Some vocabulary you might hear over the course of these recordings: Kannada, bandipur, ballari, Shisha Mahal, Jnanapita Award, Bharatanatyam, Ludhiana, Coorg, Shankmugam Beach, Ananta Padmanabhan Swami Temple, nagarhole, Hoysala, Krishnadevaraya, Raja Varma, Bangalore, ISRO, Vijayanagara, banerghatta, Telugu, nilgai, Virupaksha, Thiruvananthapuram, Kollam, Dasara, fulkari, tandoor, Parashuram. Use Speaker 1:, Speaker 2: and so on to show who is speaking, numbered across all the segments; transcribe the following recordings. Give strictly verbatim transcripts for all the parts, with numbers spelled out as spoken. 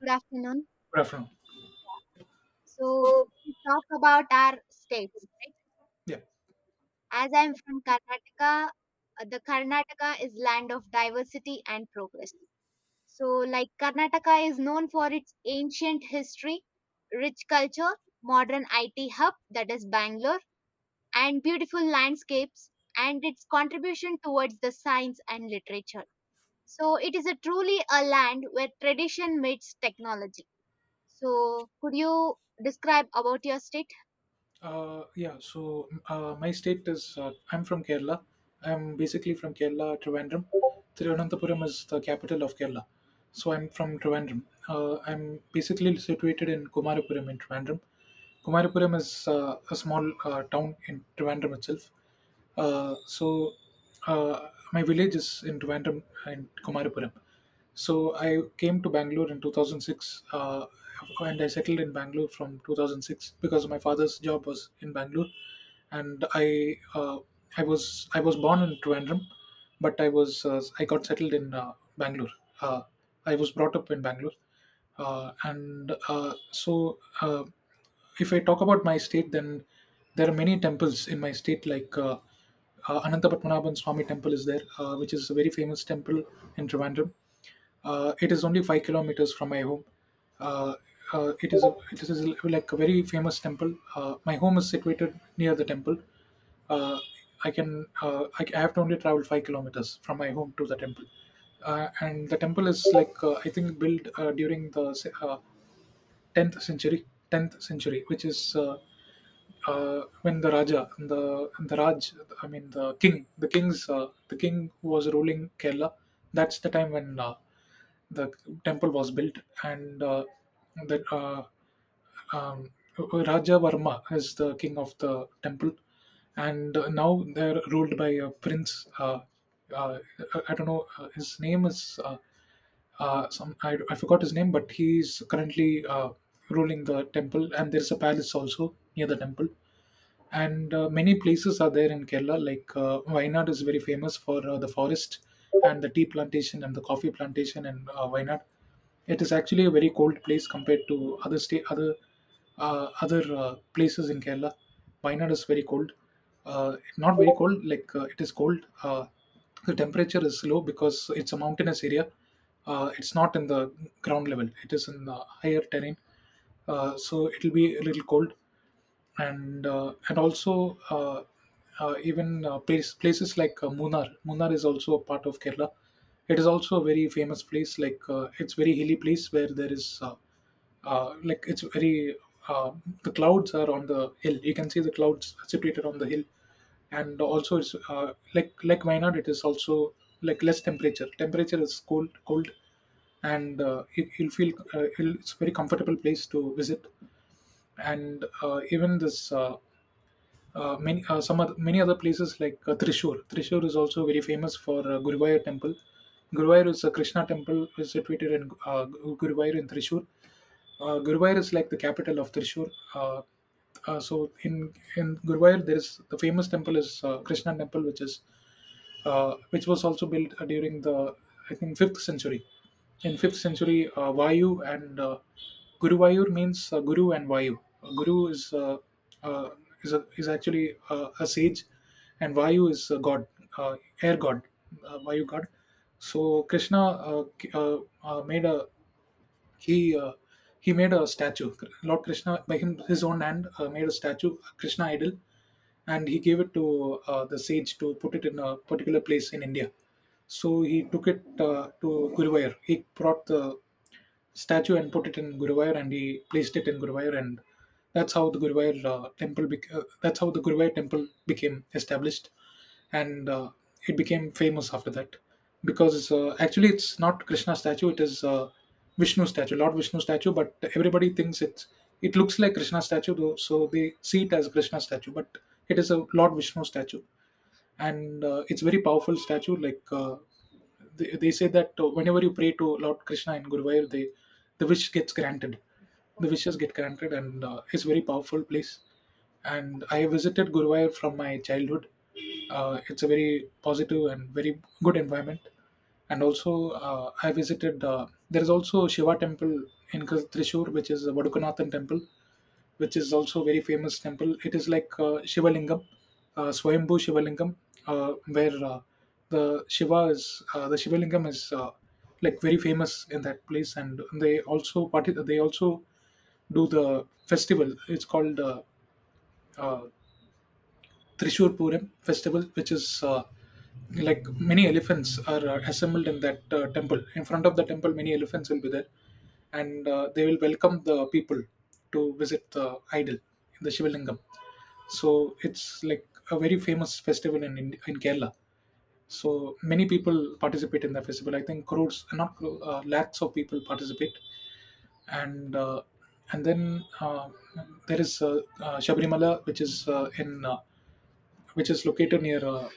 Speaker 1: Good afternoon.
Speaker 2: Good afternoon.
Speaker 1: So we talk about our states,
Speaker 2: Yeah.
Speaker 1: right? As I'm from Karnataka, uh, the Karnataka is land of diversity and progress. So like Karnataka is known for its ancient history, rich culture, modern I T hub that is Bangalore, and beautiful landscapes and its contribution towards the science and literature. So it is a truly a land where tradition meets technology. So could you describe about your state?
Speaker 2: Uh, yeah. So uh, my state is, uh, I'm from Kerala. I'm basically from Kerala, Trivandrum. Thiruvananthapuram is the capital of Kerala. So I'm from Trivandrum. Uh, I'm basically situated in Kumarapuram in Trivandrum. Kumarapuram is uh, a small uh, town in Trivandrum itself. Uh, so uh, my village is in Trivandrum and Kumarapuram. So I came to Bangalore in two thousand six, uh, and I settled in Bangalore from two thousand six because my father's job was in Bangalore, and I uh, I was I was born in Trivandrum, but I was uh, I got settled in uh, Bangalore. Uh, I was brought up in Bangalore. Uh, and uh, so. Uh, if I talk about my state, then there are many temples in my state, like uh, uh, Ananta Padmanabhan Swami Temple is there, uh, which is a very famous temple in Trivandrum. Uh, it is only five kilometers from my home. Uh, uh, it is a, it is like a very famous temple. Uh, my home is situated near the temple. Uh, I can, uh, I, I have to only travel five kilometers from my home to the temple, uh, and the temple is like, uh, I think built uh, during the se- uh, tenth century, tenth century which is, uh, uh, when the raja, the the raj, I mean the king, the king's uh, the king was ruling Kerala. That's the time when, uh, the temple was built, and uh, that uh, um, Raja Varma is the king of the temple, and uh, now they're ruled by a prince. Uh, uh, I don't know, uh, his name is, uh, uh, some, I, I forgot his name, but he's currently uh, ruling the temple, and there's a palace also near the temple. And uh, many places are there in Kerala, like uh, Wayanad is very famous for uh, the forest and the tea plantation and the coffee plantation in uh, Wayanad. It is actually a very cold place compared to other state, other uh, other uh, places in Kerala. Wayanad is very cold. uh, Not very cold, like, uh, it is cold. Uh, the temperature is low because it's a mountainous area. Uh, it's not in the ground level, it is in the higher terrain, uh, so it'll be a little cold. And uh, and also uh, uh, even uh, place, places like uh, Munnar. Munnar is also a part of Kerala. It is also a very famous place. Like, uh, it's very hilly place where there is, uh, uh, like it's very uh, the clouds are on the hill. You can see the clouds separated on the hill, and also it's, uh, like like Wayanad. It is also like less temperature. Temperature is cold, cold, and uh, you, you'll feel uh, you'll- it's a very comfortable place to visit. And uh, even this uh, uh, many uh, some other, many other places like uh, Trishur. Trishur is also very famous for uh, Guruvayur temple. Guruvayur is a Krishna temple, is situated in uh, Guruvayur in Trishur. uh, Guruvayur is like the capital of Trishur. Uh, uh, so in in Guruvayur, there is the famous temple is, uh, Krishna temple, which is, uh, which was also built uh, during the, I think, fifth century. In fifth century, uh, Vayu, and uh, Guruvayur means uh, Guru and Vayu. Uh, Guru is, uh, uh, is a, is actually uh, a sage, and Vayu is a god, uh, air god, uh, Vayu god. So Krishna, uh, k- uh, uh, made a he uh, he made a statue. Lord Krishna by him, his own hand, uh, made a statue, Krishna idol, and he gave it to uh, the sage to put it in a particular place in India. So he took it uh, to Guruvayur. He brought the statue and put it in Guruvayur, and he placed it in Guruvayur, and that's how the Guruvayur uh, temple. Bec- uh, that's how the Guruvayur temple became established, and uh, it became famous after that, because, uh, actually it's not Krishna statue, it is uh, Vishnu statue, Lord Vishnu statue. But everybody thinks it's, it looks like Krishna statue, though, so they see it as Krishna statue, but it is a Lord Vishnu statue, and uh, it's very powerful statue. Like, uh, they, they say that uh, whenever you pray to Lord Krishna in Guruvayur, they, the wish gets granted, the wishes get granted, and uh, it's very powerful place. And I visited Guruvayur from my childhood. Uh, it's a very positive and very good environment. And also uh, I visited, uh, there is also Shiva temple in Kris- trishur, which is a Vadukanathan temple, which is also very famous temple. It is like, uh, Shivalingam, uh, Swayambhu Shivalingam, uh, where uh, the Shiva is, uh, the Shiva Lingam is, uh, like very famous in that place, and they also parti they also do the festival. It's called, uh, uh, Trishur Puram festival, which is, uh, like, many elephants are uh, assembled in that uh, temple. In front of the temple, many elephants will be there, and uh, they will welcome the people to visit the idol, the Shivalingam. So it's like a very famous festival in Ind- in Kerala. So many people participate in the festival. I think crores, not crores, uh, lakhs of people participate. And uh, and then uh, there is, uh, uh, Shabrimala, which is uh, in uh, which is located near, uh,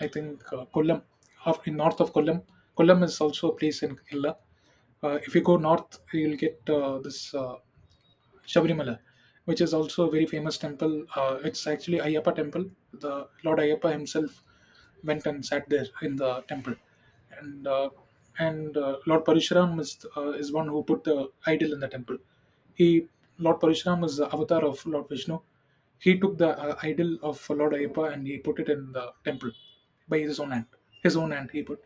Speaker 2: I think, uh, Kollam, half in north of Kollam. Kollam is also a place in Kerala. Uh, if you go north, you'll get, uh, this. Uh, Shabrimala, which is also a very famous temple. Uh, it's actually Ayyappa temple. The Lord Ayyappa himself went and sat there in the temple, and uh, and uh, Lord Parashuram is, uh, is one who put the idol in the temple. He, Lord Parashuram is the avatar of Lord Vishnu. He took the uh, idol of Lord Ayyappa and he put it in the temple by his own hand. His own hand he put.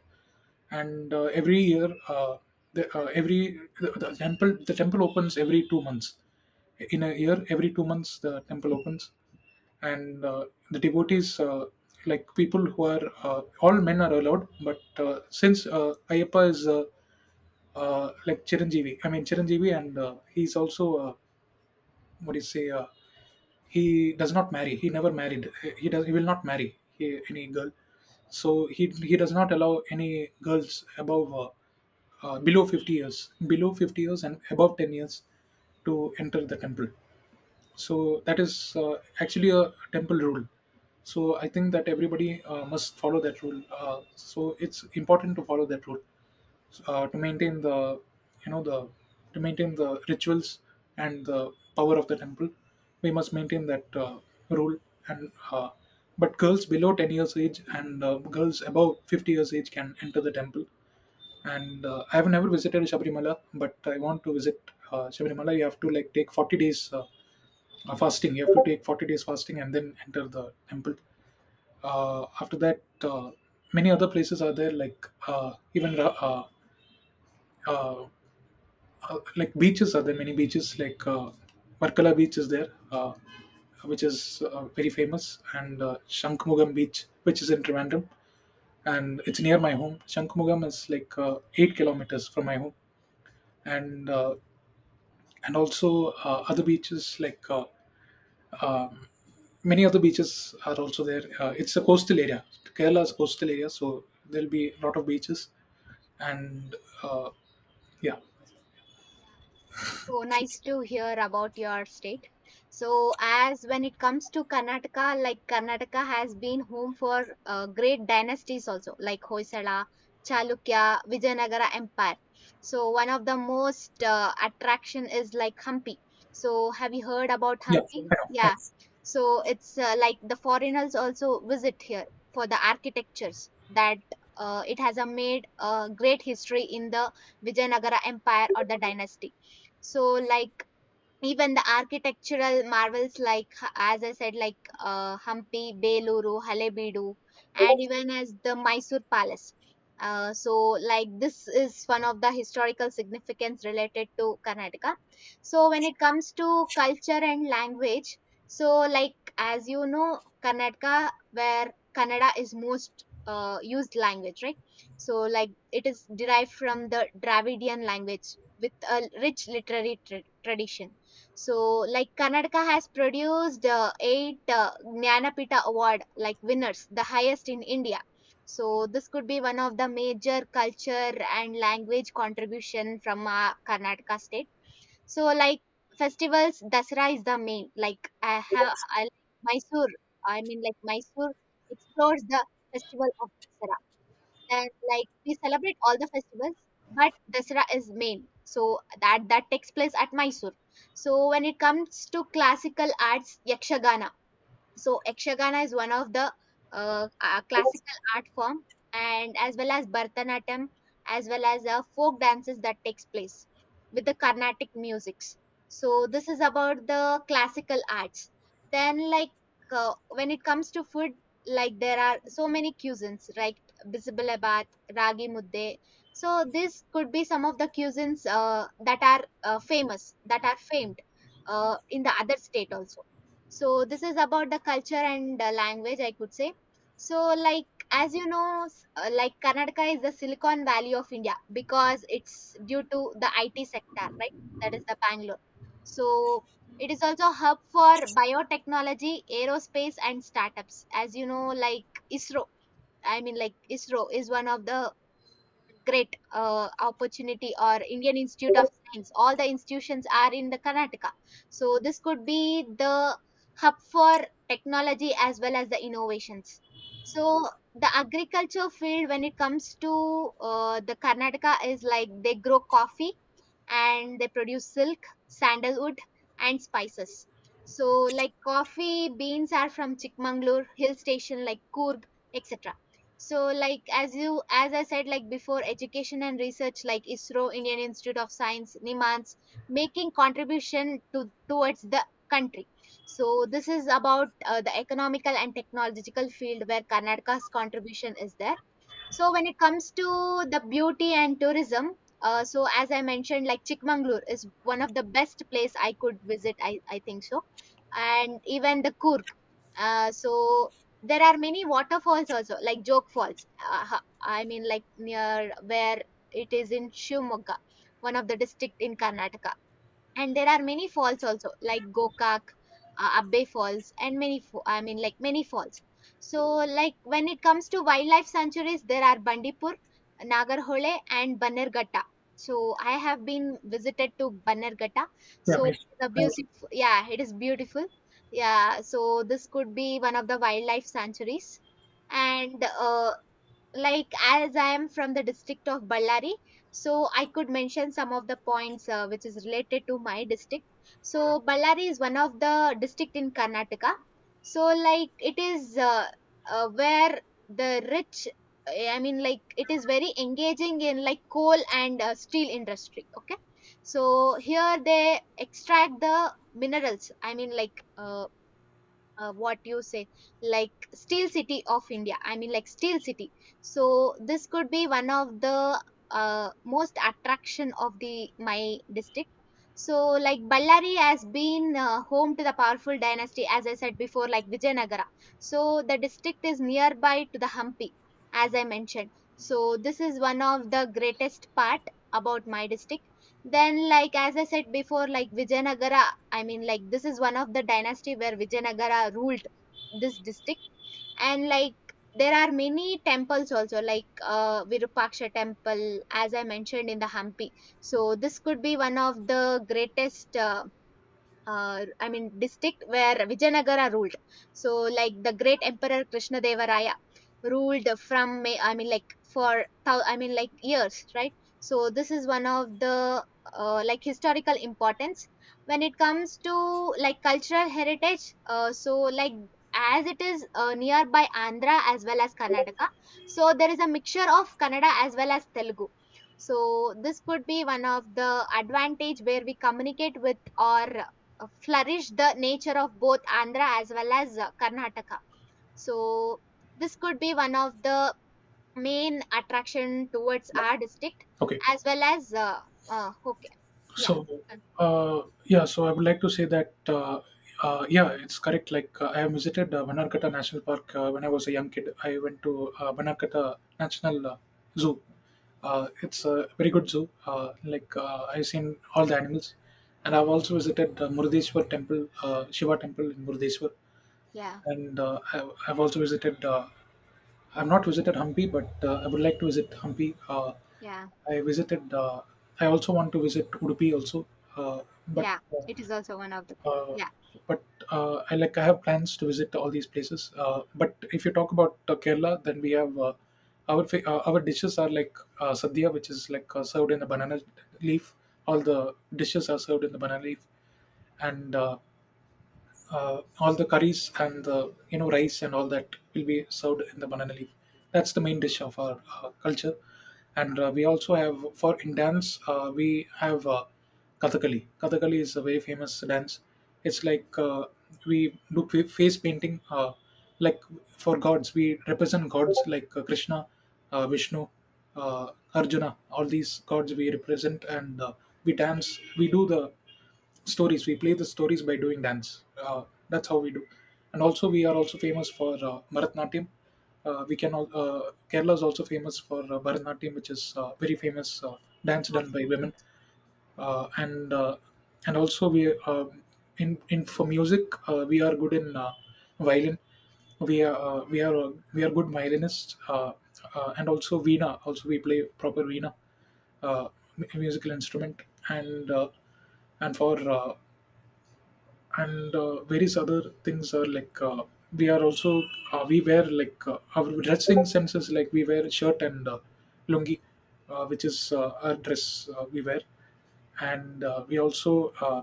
Speaker 2: And uh, every year, uh, the, uh, every the, the temple, the temple opens every two months, in a year every two months the temple opens. And uh, the devotees, uh, like people who are, uh, all men are allowed, but uh, since uh, Ayappa is, uh, uh, like Chiranjeevi, I mean Chiranjeevi, and uh, he's also, uh, what do you say, uh, he does not marry, he never married, he does, he will not marry, he, any girl. So he he does not allow any girls above, uh, uh, below fifty years, below fifty years and above ten years to enter the temple. So that is uh, actually a temple rule. So I think that everybody uh, must follow that rule, uh, so it's important to follow that rule, uh, to maintain the, you know, the, to maintain the rituals and the power of the temple. We must maintain that uh, rule. And uh, but girls below ten years age and uh, girls above fifty years age can enter the temple. And uh, I have never visited Shabrimala, but I want to visit uh, Shabrimala. You have to, like, take forty days uh, uh, fasting. You have to take forty days fasting and then enter the temple. Uh, after that, uh, many other places are there, like uh, even Ra- uh, uh, uh, like beaches are there. Many beaches like uh, Varkala Beach is there, uh, which is uh, very famous, and uh, Shankmugam Beach, which is in Trivandrum, and it's near my home. Shankmugam is like uh, eight kilometers from my home. And uh, and also uh, other beaches, like uh, um, many other beaches are also there. Uh, it's a coastal area. Kerala is a coastal area, so there'll be a lot of beaches. and uh, yeah,
Speaker 1: So nice to hear about your state. So, as when it comes to Karnataka, like Karnataka has been home for uh, great dynasties also, like Hoysala, Chalukya, Vijayanagara Empire. So, one of the most uh, attraction is like Hampi. So, have you heard about
Speaker 2: yeah,
Speaker 1: Hampi? Mm.
Speaker 2: I know, I know.
Speaker 1: Yeah. So, it's uh, like the foreigners also visit here for the architectures that uh, it has a made a great history in the Vijayanagara Empire or the dynasty. So, like, even the architectural marvels like h- as I said, like uh, Hampi, Beluru, Halebeedu, and even as the Mysore Palace. Uh, so like this is one of the historical significance related to Karnataka. So when it comes to culture and language, so like as you know, Karnataka where Kannada is most uh, used language, right? So like it is derived from the Dravidian language with a rich literary tra- tradition. So, like Karnataka has produced uh, eight uh, Jnanapita Award like winners, the highest in India. So, this could be one of the major culture and language contribution from uh, Karnataka state. So, like festivals, Dasara is the main. Like I have I, like Mysore, I mean like Mysore explores the festival of Dasara, that like we celebrate all the festivals but Dasara is main, so that that takes place at Mysore. So when it comes to classical arts, yakshagana, so Ekshagana is one of the uh, uh, classical art form and as well as Bharatanatyam as well as uh, folk dances that takes place with the Carnatic musics. So this is about the classical arts. Then like uh, when it comes to food, like there are so many cuisines like Bisbalabat, Ragi Mudde. So this could be some of the cuisines uh, that are uh, famous, that are famed uh, in the other state also. So this is about the culture and uh, language, I could say. So like as you know, s- uh, like Karnataka is the Silicon Valley of India because it's due to the I T sector, right? That is the Bangalore. So it is also a hub for biotechnology, aerospace, and startups. As you know, like ISRO. I mean, like ISRO is one of the great uh, opportunity or Indian Institute of Science. All the institutions are in the Karnataka. So this could be the hub for technology as well as the innovations. So the agriculture field when it comes to uh, the Karnataka is like they grow coffee and they produce silk, sandalwood, and spices. So, like coffee beans are from Chikmagalur hill station, like Coorg, et cetera. So, like as you, as I said, like before, education and research, like ISRO, Indian Institute of Science, NIMANS, making contribution to towards the country. So, this is about uh, the economical and technological field where Karnataka's contribution is there. So when it comes to the beauty and tourism, uh, so as I mentioned, like Chikmagalur is one of the best place I could visit. I, I think so, and even the Kurk. Uh, so there are many waterfalls also, like Joke Falls. Uh, ha- I mean, like near where it is in Shivamogga, one of the district in Karnataka, and there are many falls also like gokak, uh, abbe falls and many fo- I mean like many falls. So like when it comes to wildlife sanctuaries, there are bandipur, nagarhole, and banerghatta. So I have been visited to banerghatta,
Speaker 2: Yeah.
Speaker 1: so
Speaker 2: Me.
Speaker 1: it's a
Speaker 2: I know.
Speaker 1: beautiful, yeah, it is beautiful. Yeah, so this could be one of the wildlife sanctuaries. And uh, like as I am from the district of ballari, so I could mention some of the points uh, which is related to my district. So ballari is one of the district in karnataka. So like it is uh, uh, where the rich, eh, I mean like it is very engaging in like coal and uh, steel industry, okay? So here they extract the minerals, I mean like uh, uh, what you say, like steel city of india, I mean like steel city. So this could be one of the uh, most attraction of the my district. So like ballari has been uh, home to the powerful dynasty, as I said before, like vijayanagara. So the district is nearby to the hampi, as I mentioned. So this is one of the greatest part about my district. Then like as I said before, like vijayanagara, I mean, like this is one of the dynasty where Vijayanagara ruled this district, and like there are many temples also, like uh, Virupaksha temple, as I mentioned in the Hampi. So this could be one of the greatest uh, uh, I mean, district where Vijayanagara ruled. So, like the great emperor Krishnadevaraya ruled from, May- I mean, like for, thou- I mean, like years, right? So, this is one of the uh, like historical importance when it comes to like cultural heritage. Uh, so, like as it is uh, nearby Andhra as well as Karnataka, so there is a mixture of Kannada as well as Telugu. So this could be one of the advantage where we communicate with our uh, flourish the nature of both Andhra as well as uh, Karnataka. So this could be one of the main attraction towards
Speaker 2: Yeah.
Speaker 1: our district
Speaker 2: Okay.
Speaker 1: as well as uh, uh, okay, yeah.
Speaker 2: So,
Speaker 1: uh,
Speaker 2: uh, yeah, so I would like to say that, uh, uh, yeah, it's correct. Like, uh, I have visited uh, Banarkata National Park uh, when I was a young kid. I went to uh, Banarkata National uh, Zoo. Uh, it's a very good zoo. Uh, like, uh, I've seen all the animals. And I've also visited uh, Murdeshwar Temple, uh, Shiva Temple in Murdeshwar.
Speaker 1: yeah,
Speaker 2: And uh, I've, I've also visited, uh, I've not visited Hampi, but uh, I would like to visit Hampi. Uh,
Speaker 1: yeah,
Speaker 2: I visited. Uh, I also want to visit Udupi also, uh, but
Speaker 1: yeah, it is
Speaker 2: uh,
Speaker 1: also one of the,
Speaker 2: uh,
Speaker 1: yeah,
Speaker 2: but uh, I, like, I have plans to visit all these places. Uh, but if you talk about uh, Kerala, then we have, uh, our fa- uh, our dishes are like, uh, sadhya, which is like uh, served in a banana leaf. All the dishes are served in the banana leaf, and uh, uh, all the curries and the, you know, rice and all that will be served in the banana leaf. That's the main dish of our uh, culture. And uh, we also have for in dance, uh, we have uh, Kathakali. Kathakali is a very famous dance. It's like, uh, we do fa- face painting, uh, like for gods we represent gods, like uh, Krishna, uh, Vishnu, uh, Arjuna. All these gods we represent, and uh, we dance. We do the stories, we play the stories by doing dance, uh, that's how we do. And also, we are also famous for uh, Bharatnatyam. Uh, we can al- uh, kerala is also famous for uh, Bharatnatyam, which is uh, very famous uh, dance done by women.
Speaker 1: that's
Speaker 2: Uh, and uh, and also we, uh, in in for music, uh, we are good in uh, violin. we are uh, we are uh, we are good violinists. Uh, uh, and also veena, also we play proper veena, uh, mu- musical instrument. And uh, and for uh, and uh, various other things are, like, uh, we are also uh, we wear, like, uh, our dressing senses, like we wear shirt and uh, lungi, uh, which is uh, our dress uh, we wear. And uh, we also uh,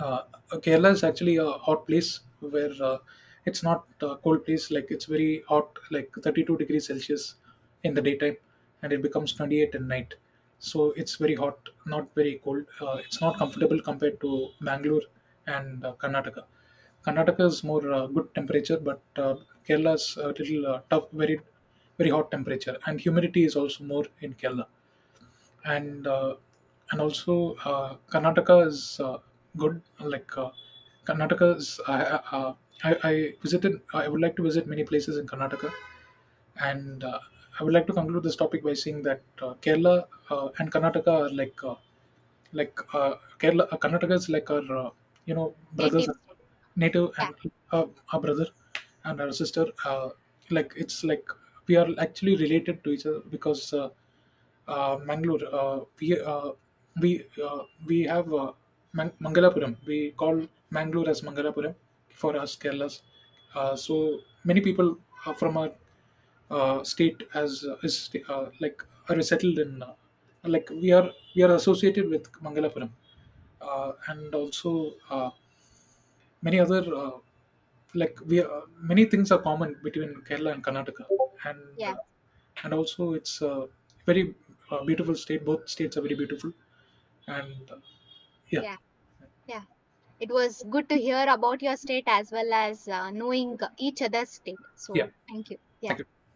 Speaker 2: uh, okay, Kerala is actually a hot place where, uh, it's not a cold place. Like it's very hot, like thirty-two degrees Celsius in the daytime, and it becomes twenty-eight at night. So it's very hot, not very cold. Uh, it's not comfortable compared to Bangalore and uh, Karnataka. Karnataka is more uh, good temperature, but uh, Kerala is a little uh, tough, very very hot temperature, and humidity is also more in Kerala. And uh, and also uh, Karnataka is uh, good. Like, uh, Karnataka is, I, uh, I I visited. I would like to visit many places in Karnataka, and uh, I would like to conclude this topic by saying that, uh, Kerala uh, and Karnataka are like, uh, like uh, Kerala, uh, Karnataka is like our, uh, you know, brothers,
Speaker 1: native state,
Speaker 2: native,
Speaker 1: yeah,
Speaker 2: and uh, our brother and our sister. Uh, like it's like we are actually related to each other because, Uh, uh, Mangalore, uh, we uh, we, uh, we have, uh, Man- Mangalapuram. We call Mangalore as Mangalapuram for us Kerala's. Uh, so many people uh, from our uh, state as, uh, is uh, like, are settled in, uh, like we are we are associated with Mangalapuram. Uh, and also uh, many other, uh, like we are, many things are common between Kerala and Karnataka. and
Speaker 1: yeah,
Speaker 2: uh, and also it's a very uh, beautiful state. Both states are very beautiful. And uh, Yeah,
Speaker 1: yeah. Yeah, it was good to hear about your state as well as uh, knowing each other's state,
Speaker 2: yeah,
Speaker 1: so thank you, yeah.
Speaker 2: thank you.